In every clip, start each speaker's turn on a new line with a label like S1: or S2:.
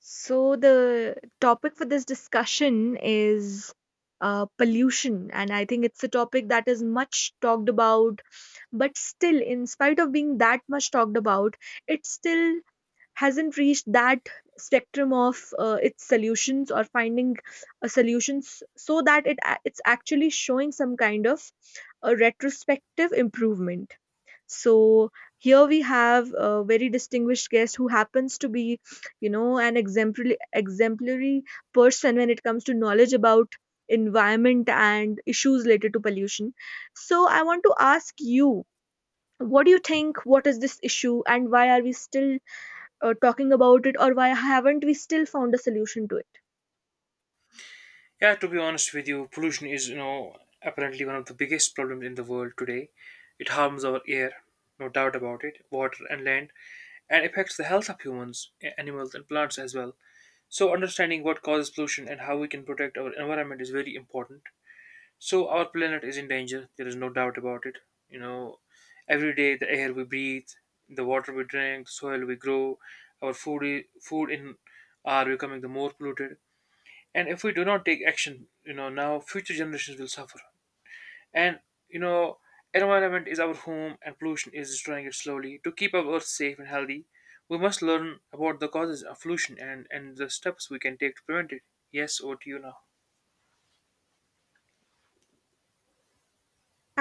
S1: So, the topic for this discussion is pollution, and I think it's a topic that is much talked about, but still, in spite of being that much talked about, it still hasn't reached that spectrum of its solutions or finding a solutions so that it's actually showing some kind of a retrospective improvement. So, here we have a very distinguished guest who happens to be an exemplary person when it comes to knowledge about environment and issues related to pollution. So, I want to ask you, what do you think, what is this issue, and why are we still talking about it, or why haven't we still found a solution to it?
S2: Yeah, to be honest with you, pollution is apparently one of the biggest problems in the world today. It harms our air, no doubt about it, water and land, and affects the health of humans, animals, and plants as well. So, understanding what causes pollution and how we can protect our environment is very important. So, our planet is in danger. There is no doubt about it. You know, every day the air we breathe, the water we drink, the soil we grow, our food, food in are becoming the more polluted, and if we do not take action now future generations will suffer. And you know environment is our home, and pollution is destroying it slowly. To keep our earth safe and healthy, we must learn about the causes of pollution and the steps we can take to prevent it. Yes, over to you now.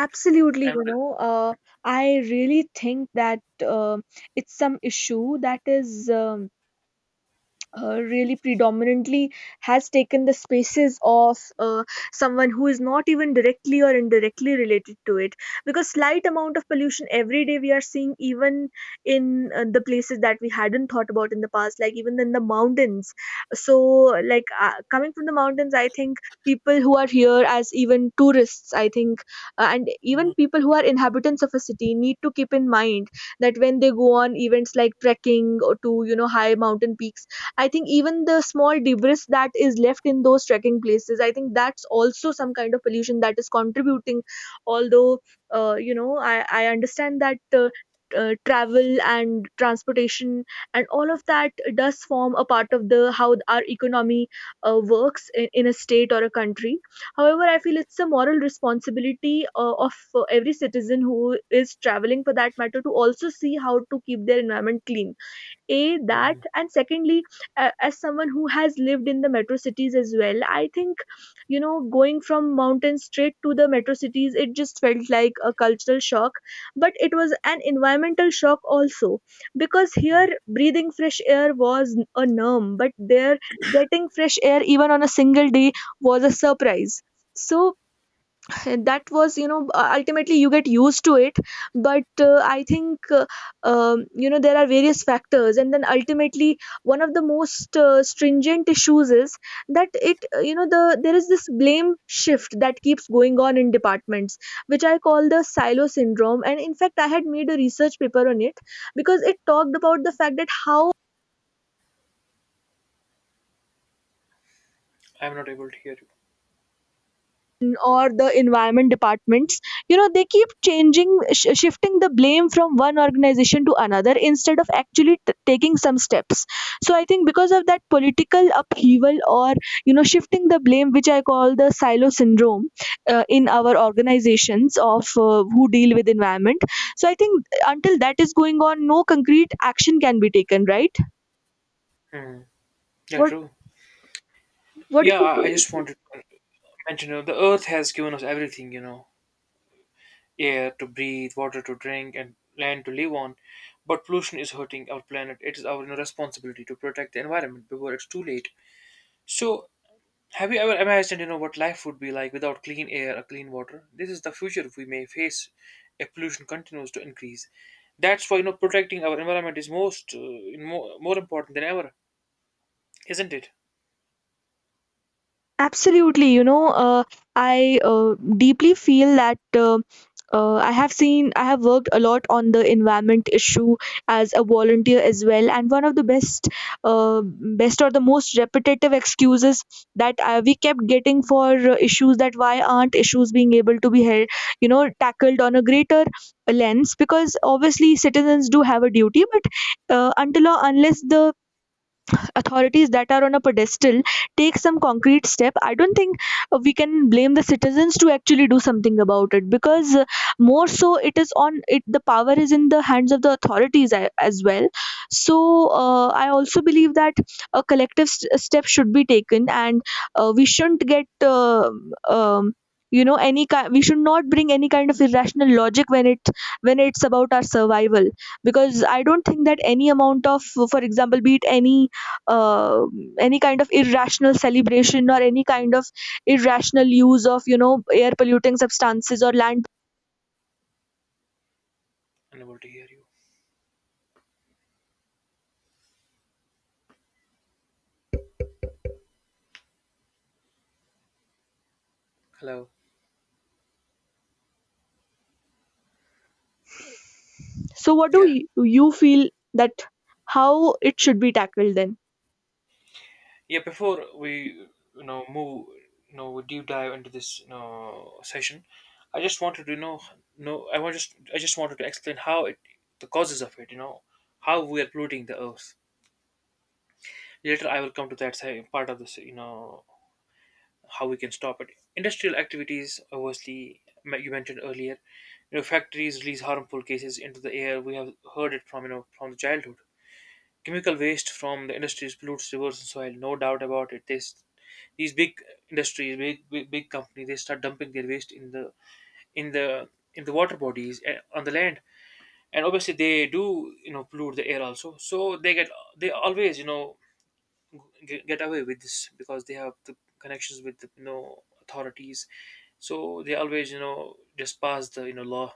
S1: Absolutely,
S2: I'm not.
S1: I really think that um it's some issue that is really predominantly has taken the spaces of someone who is not even directly or indirectly related to it, because slight amount of pollution every day we are seeing, even in the places that we hadn't thought about in the past, like even in the mountains. So, like coming from the mountains, I think people who are here as even tourists, I think and even
S2: Mhm,
S1: people who are inhabitants of a city need to keep in mind that when they go on events like trekking or to high mountain peaks, I think even the small debris that is left in those trekking places, I think that's also some kind of pollution that is contributing. Although, I understand that travel and transportation and all of that does form a part of the how our economy works in a state or a country. However, I feel it's a moral responsibility of every citizen who is traveling for that matter to also see how to keep their environment clean. A That,
S2: mhm,
S1: and secondly, as someone who has lived in the metro cities as well, I think going from mountain straight to the metro cities, it just felt like a cultural shock, but it was an environmental shock also, because
S2: mhm.
S1: here breathing fresh air was a norm, but there getting fresh air even on a single day was a surprise. So, that was ultimately you get used to it. But I think, there are various factors, and then ultimately one of the most stringent issues is that it you know the there is this blame shift that keeps going on in departments, which I call the silo syndrome. And in fact, I had made a research paper on it, because it talked about the fact that how
S2: I'm not able to hear you.
S1: or the environment departments, they keep changing, shifting the blame from one organization to another instead of actually taking some steps. So, I think because of that political upheaval, or shifting the blame, which I call the silo syndrome, in our organizations of who deal with environment. So, I think until that is going on, no concrete action can be taken, right?
S2: Mhm. Yeah,
S1: what
S2: true.
S1: what
S2: Yeah, I just wanted to mention, the earth has given us everything, air to breathe, water to drink, and land to live on. But pollution is hurting our planet. It is our responsibility to protect the environment before it's too late. So, have you ever imagined, what life would be like without clean air or clean water? This is the future we may face if pollution continues to increase. That's why, protecting our environment is more important than ever, isn't it?
S1: Absolutely, I deeply feel that I have worked a lot on the environment issue as a volunteer as well. And one of the best, or the most repetitive excuses that we kept getting for issues, that why aren't issues being able to be held, tackled on a greater lens? Because obviously citizens do have a duty, but until or unless the authorities that are on a pedestal take some concrete step, I don't think we can blame the citizens to actually do something about it, because more so it is on it the power is in the hands of the authorities, as well. So, I also believe that a collective step should be taken, and we shouldn't get um, any kind, we should not bring any kind of irrational logic when it's about our survival, because I don't think that any amount of, for example, be it uh, any kind of irrational celebration, or any kind of irrational use of air polluting substances or land.
S2: Unable to hear you. Hello.
S1: So, what do
S2: Yeah.
S1: you feel that how it should be tackled then?
S2: Yeah, before we move, deep dive into this session. I just wanted to no, I just wanted to explain how it the causes of it, how we are polluting the earth. Later I will come to that side, part of this, how we can stop it. Industrial activities, obviously, you mentioned earlier, factories release harmful gases into the air. We have heard it from you know from the childhood. Chemical waste from the industries pollutes rivers and soil, no doubt about it. These big industries, big companies, they start dumping their waste in the water bodies, on the land, and obviously they do pollute the air also. So they always get away with this, because they have the connections with the authorities. So they always just pass the law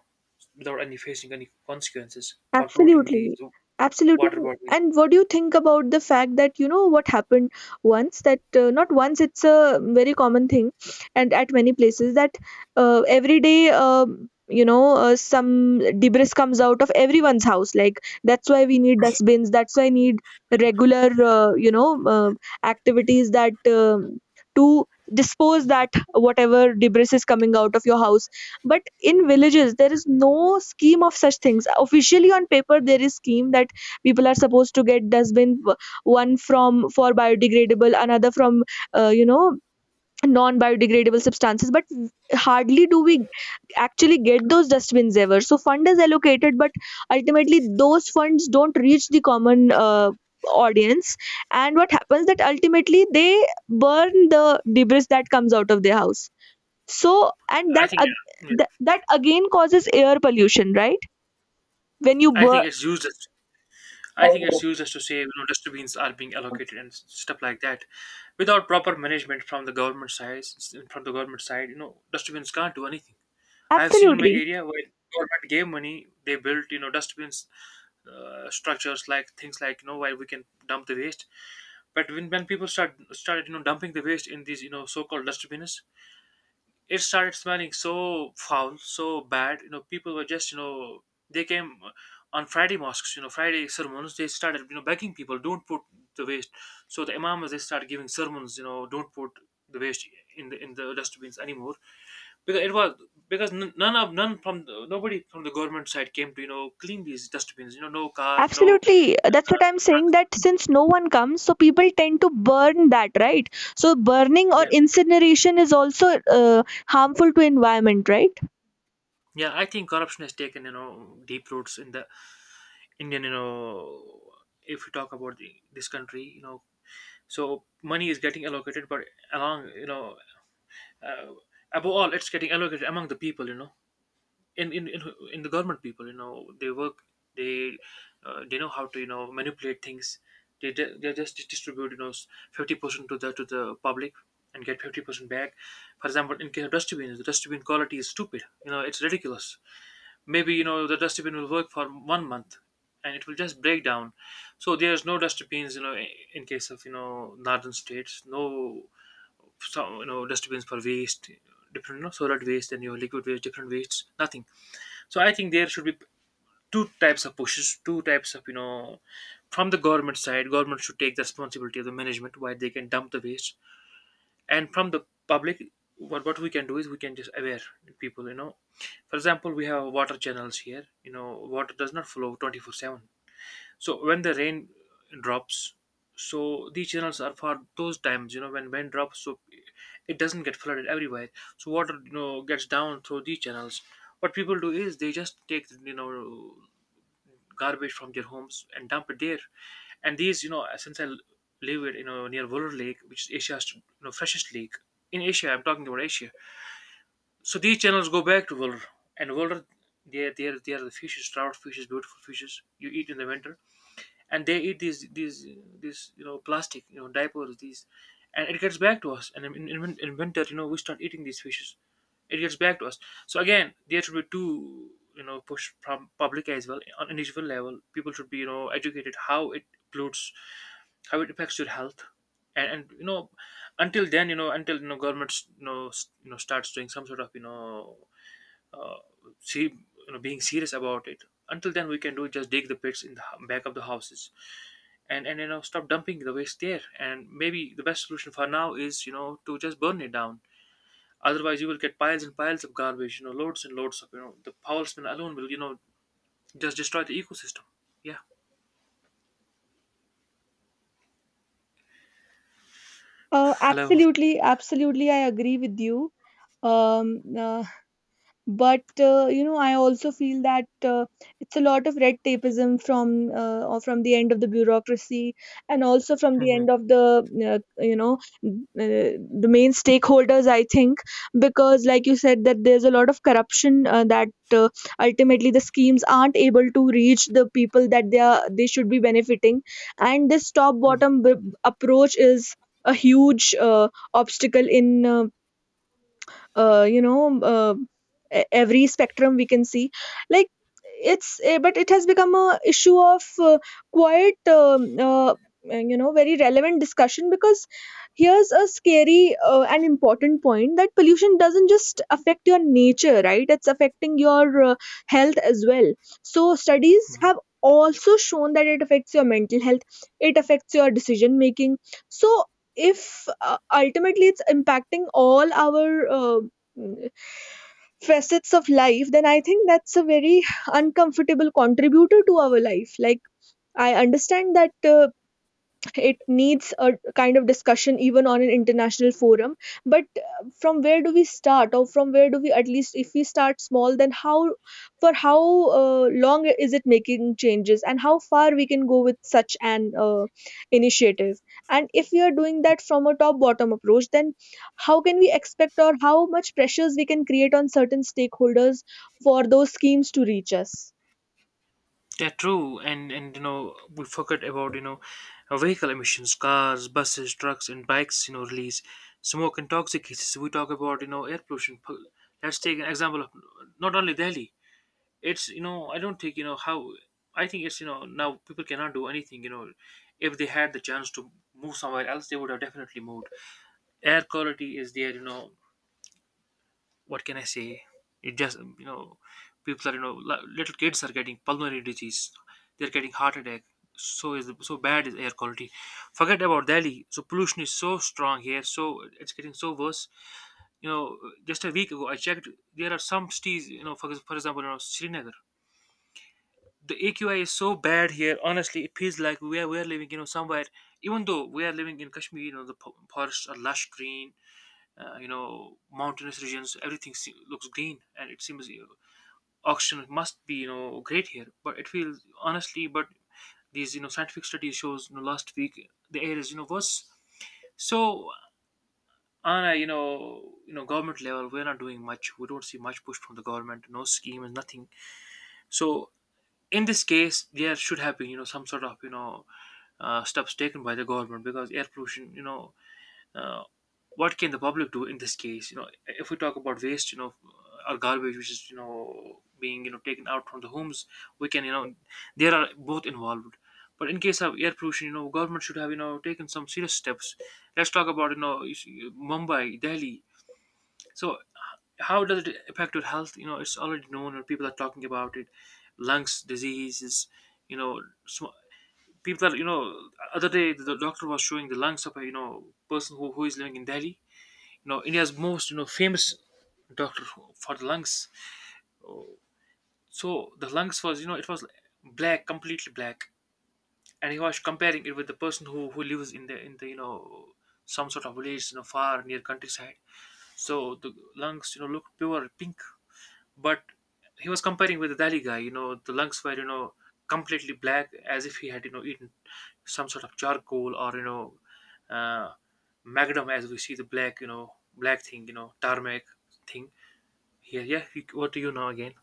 S2: without any facing any consequences for polluting these
S1: Absolutely. Absolutely.
S2: water
S1: And
S2: bodies.
S1: and what do you think about the fact that, what happened once that, not once, it's a very common thing, and at many places that every day, some debris comes out of everyone's house. Like, that's why we need dustbins, that's why I need regular uh, activities that to dispose that whatever debris is coming out of your house. But in villages there is no scheme of such things. Officially on paper there is scheme that people are supposed to get dustbin, one from for biodegradable, another from uh, you know non biodegradable substances. But hardly do we actually get those dustbins ever. So fund is allocated, but ultimately those funds don't reach the common audience. And what happens that ultimately they burn the debris that comes out of their house. So and
S2: I
S1: that
S2: think,
S1: ag-
S2: yeah.
S1: that that again causes air pollution, right? When you
S2: I think
S1: burn,
S2: it's used as I think it's used as to say, dustbins are being allocated and stuff like that, without proper management from the government side. From the government side, dustbins can't do anything. I have seen in my
S1: absolutely,
S2: area where government gave money, they built dustbins, structures, like things like where we can dump the waste. But when people started dumping the waste in these so-called dustbins, it started smelling so foul, so bad. People were just, they came on Friday mosques, Friday sermons. They started, begging people, don't put the waste. So the imams, they started giving sermons, don't put the waste in the dustbins anymore, because it was, because n- none of none from the, nobody from the government side came to clean these dustbins. No car, no uh,
S1: absolutely. That's
S2: uh,
S1: what I'm saying,
S2: trucks.
S1: that since no one comes, so people tend to burn that, right? So burning or
S2: Yeah,
S1: incineration is also harmful to environment, right?
S2: yeah. I think corruption has taken deep roots in the Indian, if we talk about this country, so money is getting allocated, but along, you know, uh, above all, it's getting allocated among the people, in in in, in the government people, they work. They uh, they know how to, manipulate things. They just distribute, 50% to the public and get 50% back. For example, in case of dustbins, the dustbin quality is stupid. It's ridiculous. Maybe the dustbin will work for 1 month, and it will just break down. So there's no dustbins, in case of northern states, no. So, dustbins for waste, different solid waste and your liquid waste, different wastes, nothing. So I think there should be two types of pushes, two types of from the government side. Government should take the responsibility of the management, why they can dump the waste. And from the public, what we can do is we can just aware people. For example, we have water channels here. You know water does not flow 24/7. So when the rain drops, these channels are for those times, when rain drops, so it doesn't get flooded everywhere. So water gets down through these channels. What people do is they just take garbage from their homes and dump it there. And these, since I live it, near Voller Lake, which is Asia's, freshest lake in Asia. I'm talking about Asia. So these channels go back to Wollur, and Wollur, they are the fishes, trout fishes, beautiful fishes you eat in the winter, and they eat these these plastic, diapers, these, and it gets back to us. And in winter, we start eating these fishes, it gets back to us. So again, there should be two push from public as well, on individual level. People should be educated how it pollutes, how it affects your health, and, and until then, until governments starts doing some sort of, see, being serious about it. Until then, we can do just dig the pits in the back of the houses, and and stop dumping the waste there. And maybe the best solution for now is to just burn it down. Otherwise, you will get piles and piles of garbage, loads and loads of, the foul smell alone will just destroy the ecosystem. Yeah.
S1: Uh,
S2: Hello.
S1: absolutely, absolutely, I agree with you. Um, uh, but I also feel that it's a lot of red tapeism from or from the end of the bureaucracy, and also from the
S2: Mhm.
S1: end of the uh, you know uh, the main stakeholders. I think because, like you said, that there's a lot of corruption that uh, ultimately the schemes aren't able to reach the people that they should be benefiting, and this top
S2: Mhm.
S1: bottom approach is a huge obstacle in uh, you know um, uh, every spectrum we can see. Like, but it has become a issue of quite very relevant discussion, because here's a scary and important point, that pollution doesn't just affect your nature, right? It's affecting your health as well. So studies have also shown that it affects your mental health, it affects your decision making. So if ultimately it's impacting all our mm, facets of life, then I think that's a very uncomfortable contributor to our life. Like, I understand that it needs a kind of discussion even on an international forum, but from where do we start, or from where do we at least, if we start small, then how for how long is it making changes, and how far we can go with such an initiative, and if we are doing that from a top bottom approach, then how can we expect, or how much pressures we can create on certain stakeholders for those schemes to reach us?
S2: Yeah, true. And we forget about vehicle emissions, cars, buses, trucks, and bikes. Release smoke and toxic gases. We talk about air pollution. Let's take an example of not only Delhi. It's I don't think how, I think it's, now people cannot do anything. If they had the chance to move somewhere else, they would have definitely moved. Air quality is there. What can I say? It just, people are little kids are getting pulmonary disease. They're getting heart attack. So is so bad is air quality. Forget about Delhi. So pollution is so strong here. So it's getting so worse. You know, just a week ago I checked. There are some cities. For, for example, Srinagar. The AQI is so bad here. Honestly, it feels like we are living somewhere. Even though we are living in Kashmir, the forests are lush green, mountainous regions, everything looks green, and it seems, oxygen must be great here, but it feels honestly. But these scientific studies shows, last week the air is worse. So on a government level, we're not doing much. We don't see much push from the government, no scheme and nothing. So in this case, there should have been some sort of steps taken by the government, because air pollution, uh, what can the public do in this case? If we talk about waste, or garbage which is being taken out from the homes, we can, there are both involved. But in case of air pollution, government should have taken some serious steps. Let's talk about, you see, Mumbai, Delhi. So how does it affect your health? It's already known and people are talking about it. Lungs diseases, you know sm- people are, other day the doctor was showing the lungs of a person who is living in Delhi, India's most famous doctor for the lungs. So the lungs was, it was black, completely black. And he was comparing it with the person who lives in the some sort of village, far, near countryside. So the lungs, looked pure pink, but he was comparing with the Delhi guy. You know the lungs were, completely black, as if he had, eaten some sort of charcoal, or uh, magnum, as we see the black, black thing, tarmac thing. Yeah, yeah. What do you know again?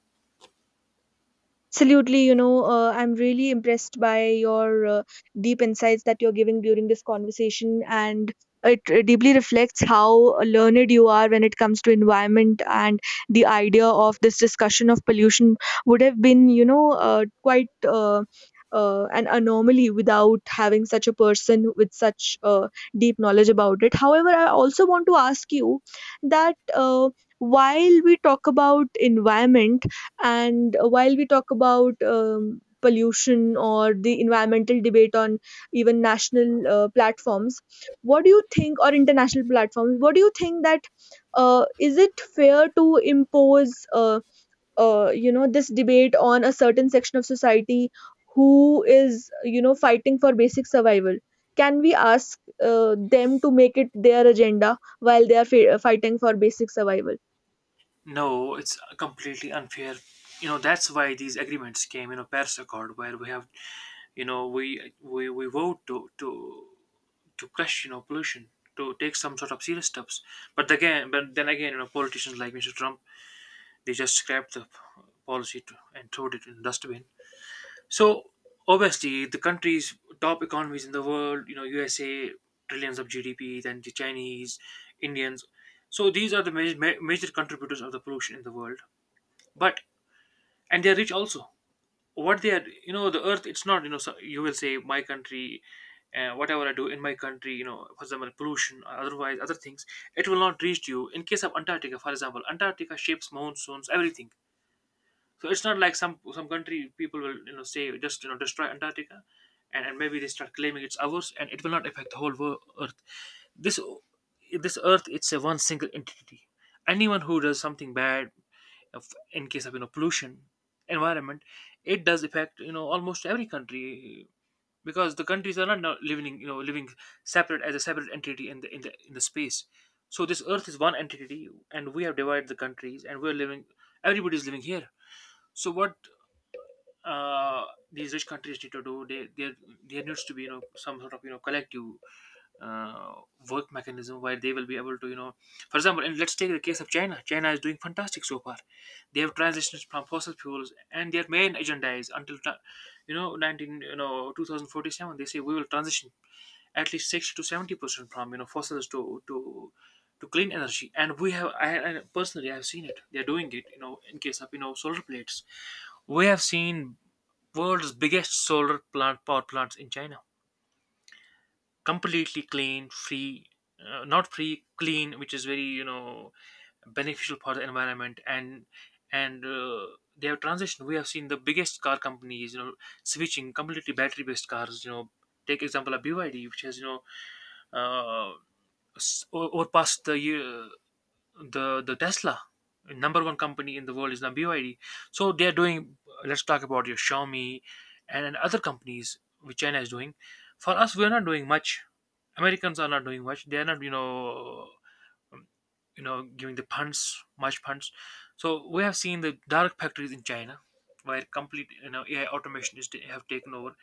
S1: Absolutely, I'm really impressed by your deep insights that you're giving during this conversation, and it deeply reflects how learned you are when it comes to environment, and the idea of this discussion of pollution would have been, quite an anomaly without having such a person with such deep knowledge about it. However, I also want to ask you that while we talk about environment, and while we talk about pollution, or the environmental debate on even national platforms, what do you think, or international platforms, what do you think, that is it fair to impose this debate on a certain section of society who is, fighting for basic survival? Can we ask them to make it their agenda while they are fighting for basic survival?
S2: No, it's completely unfair. You know that's why these agreements came. You know, Paris Accord, where we have, we vote to crush, pollution, to take some sort of serious steps. But then again, you know, politicians like Mr. Trump, they just scrapped the policy to, and threw it in the dustbin. So obviously, the countries, top economies in the world, USA, trillions of GDP, then the Chinese, Indians. So these are the major, major contributors of the pollution in the world. But and they are rich also. What they are, you know, the earth. It's not, you know, so you will say my country, whatever I do in my country, for example, pollution, or otherwise other things. It will not reach you. In case of Antarctica, for example, Antarctica shapes monsoons, everything. So it's not like some country people will, say, just, destroy Antarctica, and maybe they start claiming it's ours, and it will not affect the whole world, Earth. This Earth it's a one single entity. Anyone who does something bad, in case of, pollution, environment, it does affect, almost every country, because the countries are not now living, living separate, as a separate entity in the space. So this Earth is one entity and we have divided the countries and we're living, everybody's living here. So what, uh, these rich countries need to do, they, there needs to be, some sort of, collective, uh, work mechanism, where they will be able to, for example, and let's take the case of China. China is doing fantastic so far. They have transitioned from fossil fuels, and their main agenda is until, 19, 2047. They say we will transition at least 60 to 70% from, fossils to clean energy. And we have, I personally, I've seen it, they're doing it, in case of, solar plates. We have seen world's biggest solar plant, power plants in China, completely clean, free, not free, clean, which is very, beneficial for the environment. And and uh, they have transitioned, we have seen the biggest car companies, switching completely battery based cars. Take example of BYD, which has, uh, over past the year, the Tesla number one company in the world is now BYD. So they are doing. Let's talk about your Xiaomi, and other companies which China is doing. For us, we are not doing much. Americans are not doing much. They are not, um, giving the funds, much funds. So we have seen the dark factories in China, where complete, AI automation is have taken over.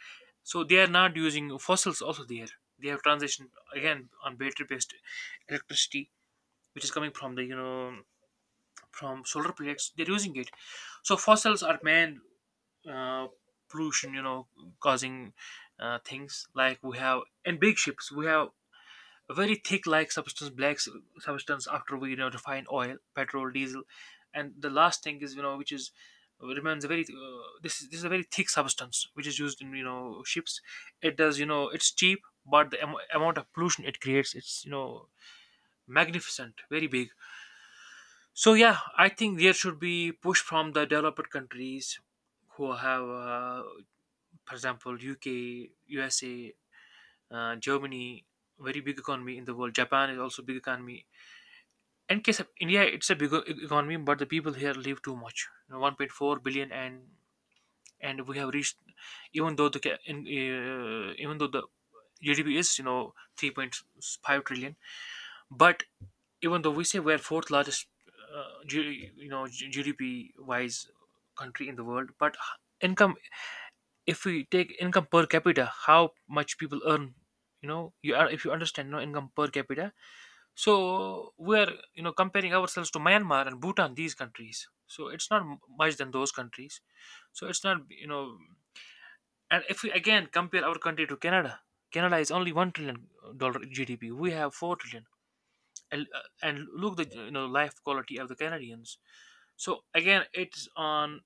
S2: So they are not using fossils also there. They have transitioned again on battery based electricity, which is coming from the, from solar projects, they're using it. So fossils are man, uh, pollution, causing, things like, we have in big ships, we have a very thick like substance, black substance, after we, refine oil, petrol, diesel. And the last thing is, which is, remains a very, this is a very thick substance, which is used in, ships. It does, it's cheap, but the amount of pollution it creates, it's, magnificent, very big. So yeah, I think there should be push from the developed countries who have, for example, UK, USA, Germany, very big economy in the world. Japan is also big economy. In case of India, it's a big economy, but the people here live too much. You know, 1.4 billion, and we have reached, even though the even though the GDP is, 3.5 trillion, but even though we say we're fourth largest, GDP wise country in the world, but income, if we take income per capita, how much people earn, you are if you understand, no, income per capita. So we're, comparing ourselves to Myanmar and Bhutan, these countries. So it's not much than those countries. So it's not, you know, and if we again compare our country to Canada, Canada is only $1 trillion GDP. We have 4 trillion, and look the, life quality of the Canadians. So again, it's on,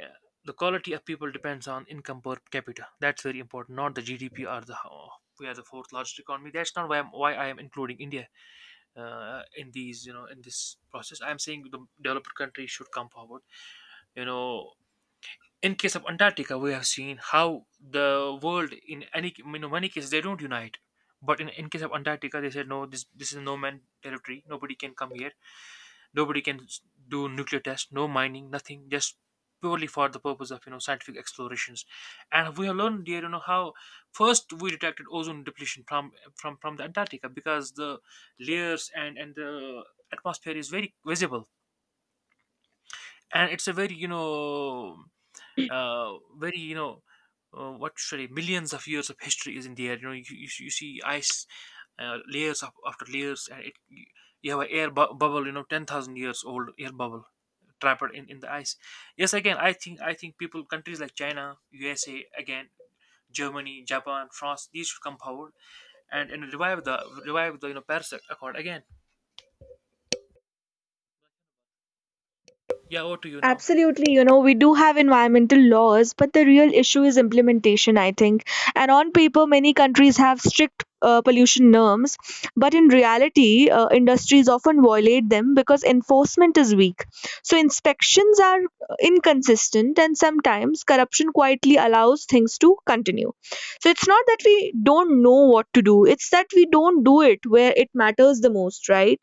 S2: uh, the quality of people depends on income per capita. That's very important, not the GDP or the how we are the fourth largest economy. That's not why I am including India, in these, in this process. I am saying the developed countries should come forward. You know. In case of Antarctica, we have seen how the world, in any, you know, many cases, they don't unite. But in case of Antarctica, they said no, this is no man territory. Nobody can come here. Nobody can do nuclear tests, no mining, nothing, just purely for the purpose of, scientific explorations. And we have learned here, you know, how first we detected ozone depletion from the Antarctica, because the layers and the atmosphere is very visible, and it's a very, uh, very you know what should I, millions of years of history is in the air. You know, you see ice, layers of, after layers, and it, you have an air bubble, you know, 10,000 years old air bubble, trapped in, the ice. Yes, again, I think people, countries like China, USA, again, Germany, Japan, France, these should come forward, and revive the, you know, Paris Accord again. Yeah, over to you now.
S1: Absolutely, we do have environmental laws, but the real issue is implementation, I think. And on paper, many countries have strict pollution norms, but in reality, industries often violate them because enforcement is weak. So, inspections are inconsistent, and sometimes corruption quietly allows things to continue. So, it's not that we don't know what to do, it's that we don't do it where it matters the most, right?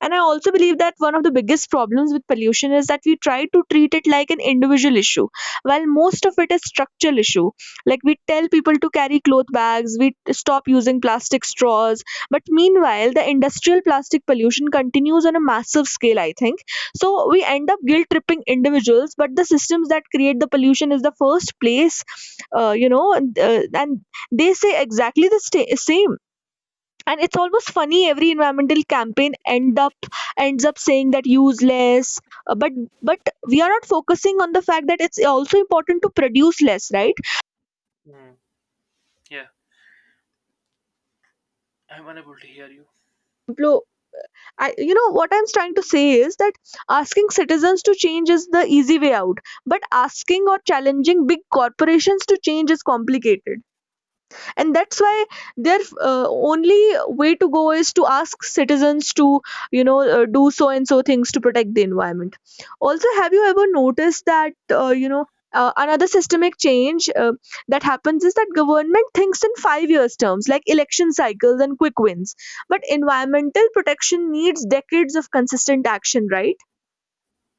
S1: And I also believe that one of the biggest problems with pollution is that we try to treat it like an individual issue, while most of it is structural issue. Like, we tell people to carry cloth bags, we stop using plastic straws, but meanwhile, the industrial plastic pollution continues on a massive scale. I think so. We end up guilt tripping individuals, but the systems that create the pollution is the first place. You know, and They say exactly the same, and it's almost funny every environmental campaign ends up saying that useless. uh, but but we are not focusing on the fact that it's also important to produce less, right?
S2: Mm. Yeah, I'm unable to hear you.
S1: Plo- I, you know what I'm trying to say is that asking citizens to change is the easy way out, but asking or challenging big corporations to change is complicated. And that's why their only way to go is to ask citizens to do so and so things to protect the environment. Also, have you ever noticed that, uh, you know another systemic change that happens is that government thinks in 5 years terms, like election cycles and quick wins, but environmental protection needs decades of consistent action, right?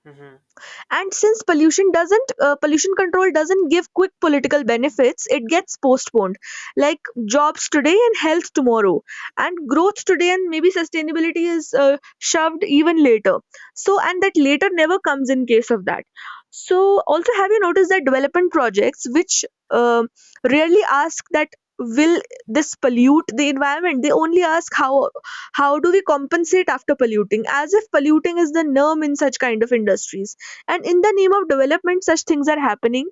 S2: Mm-hmm.
S1: And since pollution control doesn't give quick political benefits, it gets postponed. Like jobs today and health tomorrow, and growth today, and maybe sustainability is shoved even later. So, and that later never comes in case of that. So, also, have you noticed that development projects which uh, rarely ask that will this pollute the environment? They only ask how do we compensate after polluting, as if polluting is the norm in such kind of industries, and in the name of development such things are happening.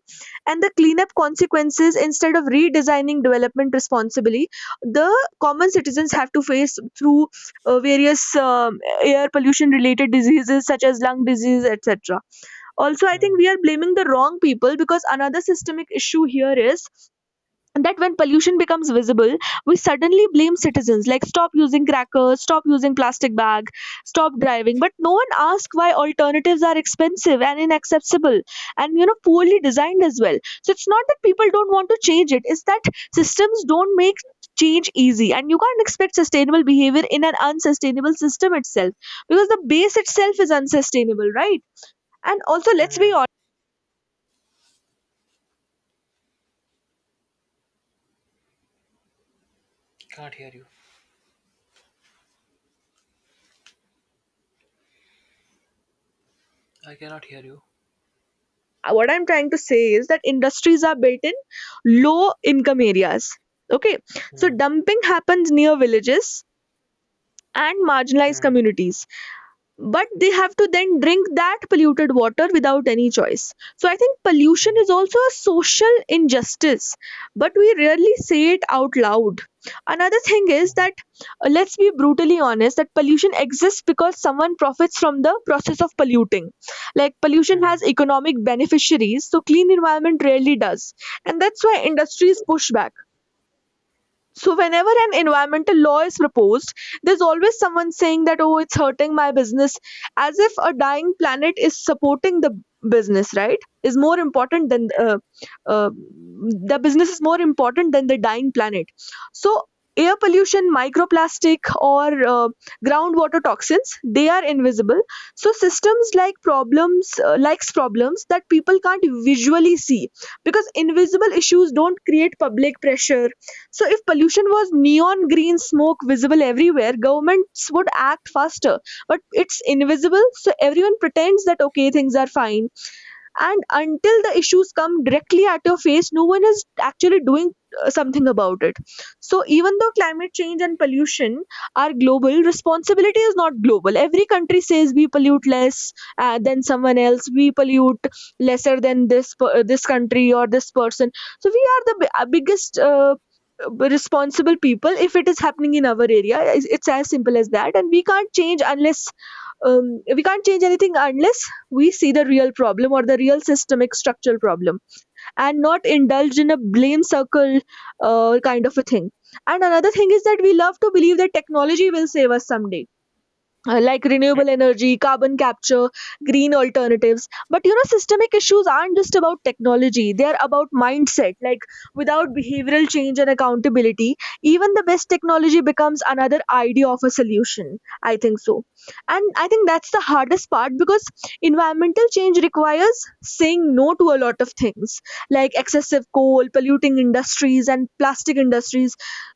S1: And the cleanup consequences, instead of redesigning development responsibly, the common citizens have to face through various air pollution related diseases such as lung disease, etc. Also, I think
S2: Mm-hmm.
S1: we are blaming the wrong people because another systemic issue here is and that when pollution becomes visible, we suddenly blame citizens, like stop using crackers, stop using plastic bag, stop driving, but no one asks why alternatives are expensive and inaccessible and, you know, poorly designed as well. So it's not that people don't want to change it, it's that systems don't make change easy, and you can't expect sustainable behavior in an unsustainable system itself, because the base itself is unsustainable, right? And also let's be.
S2: Mm-hmm. Can't hear you. I cannot hear you.
S1: What I'm trying to say is that industries are built in low income areas, okay? So
S2: Mm.
S1: dumping happens near villages and marginalized
S2: Mm.
S1: communities, but they have to then drink that polluted water without any choice. So I think pollution
S2: Mm.
S1: is also a social injustice, but we rarely say it out loud. Another thing is
S2: Mm.
S1: that, let's be brutally honest, that pollution exists because someone profits from the process of polluting. Like pollution
S2: Mm.
S1: has economic beneficiaries, so clean environment rarely does. And that's why industries push back. So whenever an environmental law is proposed, there's always someone saying that, oh, it's hurting my business, as if a dying planet is supporting the business, right? Is more important than the business is more important than the dying planet. So air pollution, microplastic, or groundwater toxins, they are invisible. So systems like problems, likes problems that people can't visually see, because invisible issues don't create public pressure. So if pollution was neon green smoke visible everywhere, governments would act faster. But it's invisible, so everyone pretends that okay, things are fine, and until the issues come directly at your face, no one is actually doing something about it. So even though climate change and pollution are global, responsibility is not global. Every country says we pollute less than someone else, we pollute lesser than this country or this person. So we are the biggest responsible people if it is happening in our area. It's as simple as that, and we can't change unless, we can't change anything unless we see the real problem, or the real systemic structural problem, and not indulge in a blame circle kind of a thing. And another thing is that we love to believe that technology will save us someday, like
S2: Mm.
S1: renewable energy, carbon capture, green alternatives. But, you know, systemic issues aren't just about technology, they are about mindset. Like, without behavioral change and accountability, even the best technology becomes another idea of a solution, I think so. And I think that's the hardest part, because environmental change requires saying no to a lot of things, like excessive coal, polluting industries, and plastic industries.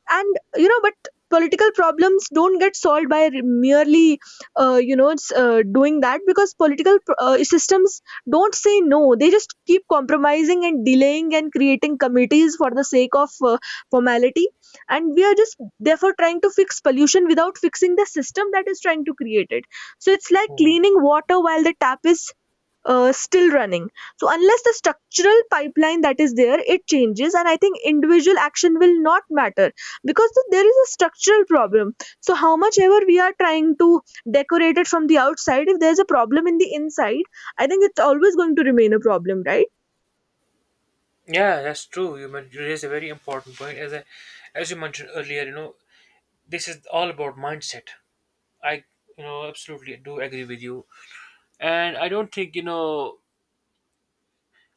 S1: And, you know, but political problems don't get solved by merely you know it's doing that, because political systems don't say no, they just keep compromising and delaying and creating committees for the sake of formality. And we are just therefore trying to fix pollution without fixing the system that is trying to create it. So it's like
S2: Mm.
S1: cleaning water while the tap is still running. So unless the structural pipeline that is there it changes, and I think individual action will not matter, because there is a structural problem. So how much ever we are trying to decorate it from the outside, if there is a problem in the inside, I think it's always going to remain a problem, right?
S2: Yeah, that's true. You you raised a very important point. As you mentioned earlier, this is all about mindset. I, you know, absolutely do agree with you. And I don't think, you know,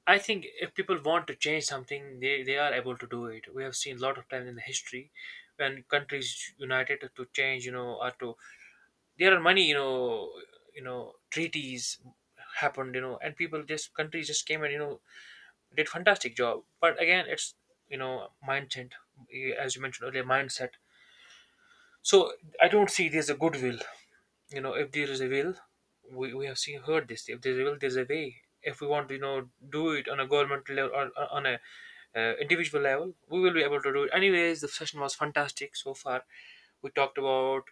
S2: I think if people want to change something, they are able to do it. We have seen a lot of times in the history when countries united to change, you know, or to, there are many, treaties happened, you know, and people just, countries just came and, did fantastic job. But again, it's, mindset, as you mentioned earlier, mindset. So I don't see there's a goodwill. You know, if there is a will, we have seen, heard this. If there's a will, there's a way. If we want to, do it on a government level, or on a, individual level, we will be able to do it. Anyways, the session was fantastic so far. We talked about,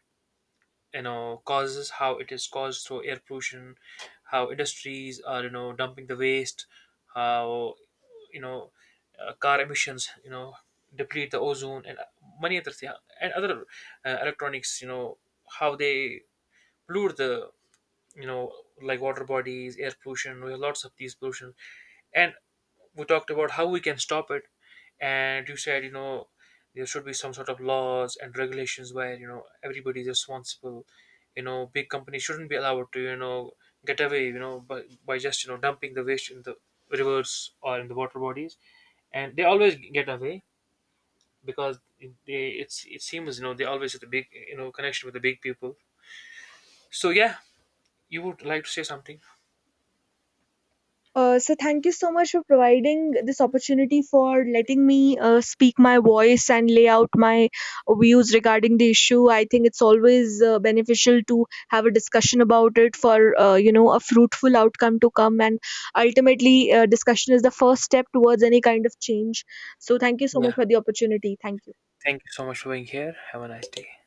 S2: causes, how it is caused through air pollution, how industries are, dumping the waste, how, you know car emissions, deplete the ozone, and, many other things, and other, electronics, how they pollute the, you know like water bodies, air pollution, we have lots of these pollution. And we talked about how we can stop it, and you said, there should be some sort of laws and regulations where, everybody is responsible. Big companies shouldn't be allowed to, get away, by, just, dumping the waste in the rivers or in the water bodies, and they always get away, because they, it's, it seems, they always have the big, connection with the big people. So yeah, you would like to say something.
S1: So thank you so much for providing this opportunity, for letting me speak my voice and lay out my views regarding the issue. I think it's always beneficial to have a discussion about it for a fruitful outcome to come, and ultimately, discussion is the first step towards any kind of change. So thank you so much
S2: Yeah,
S1: for the opportunity. Thank you.
S2: thank you so much for being here. Have a nice day.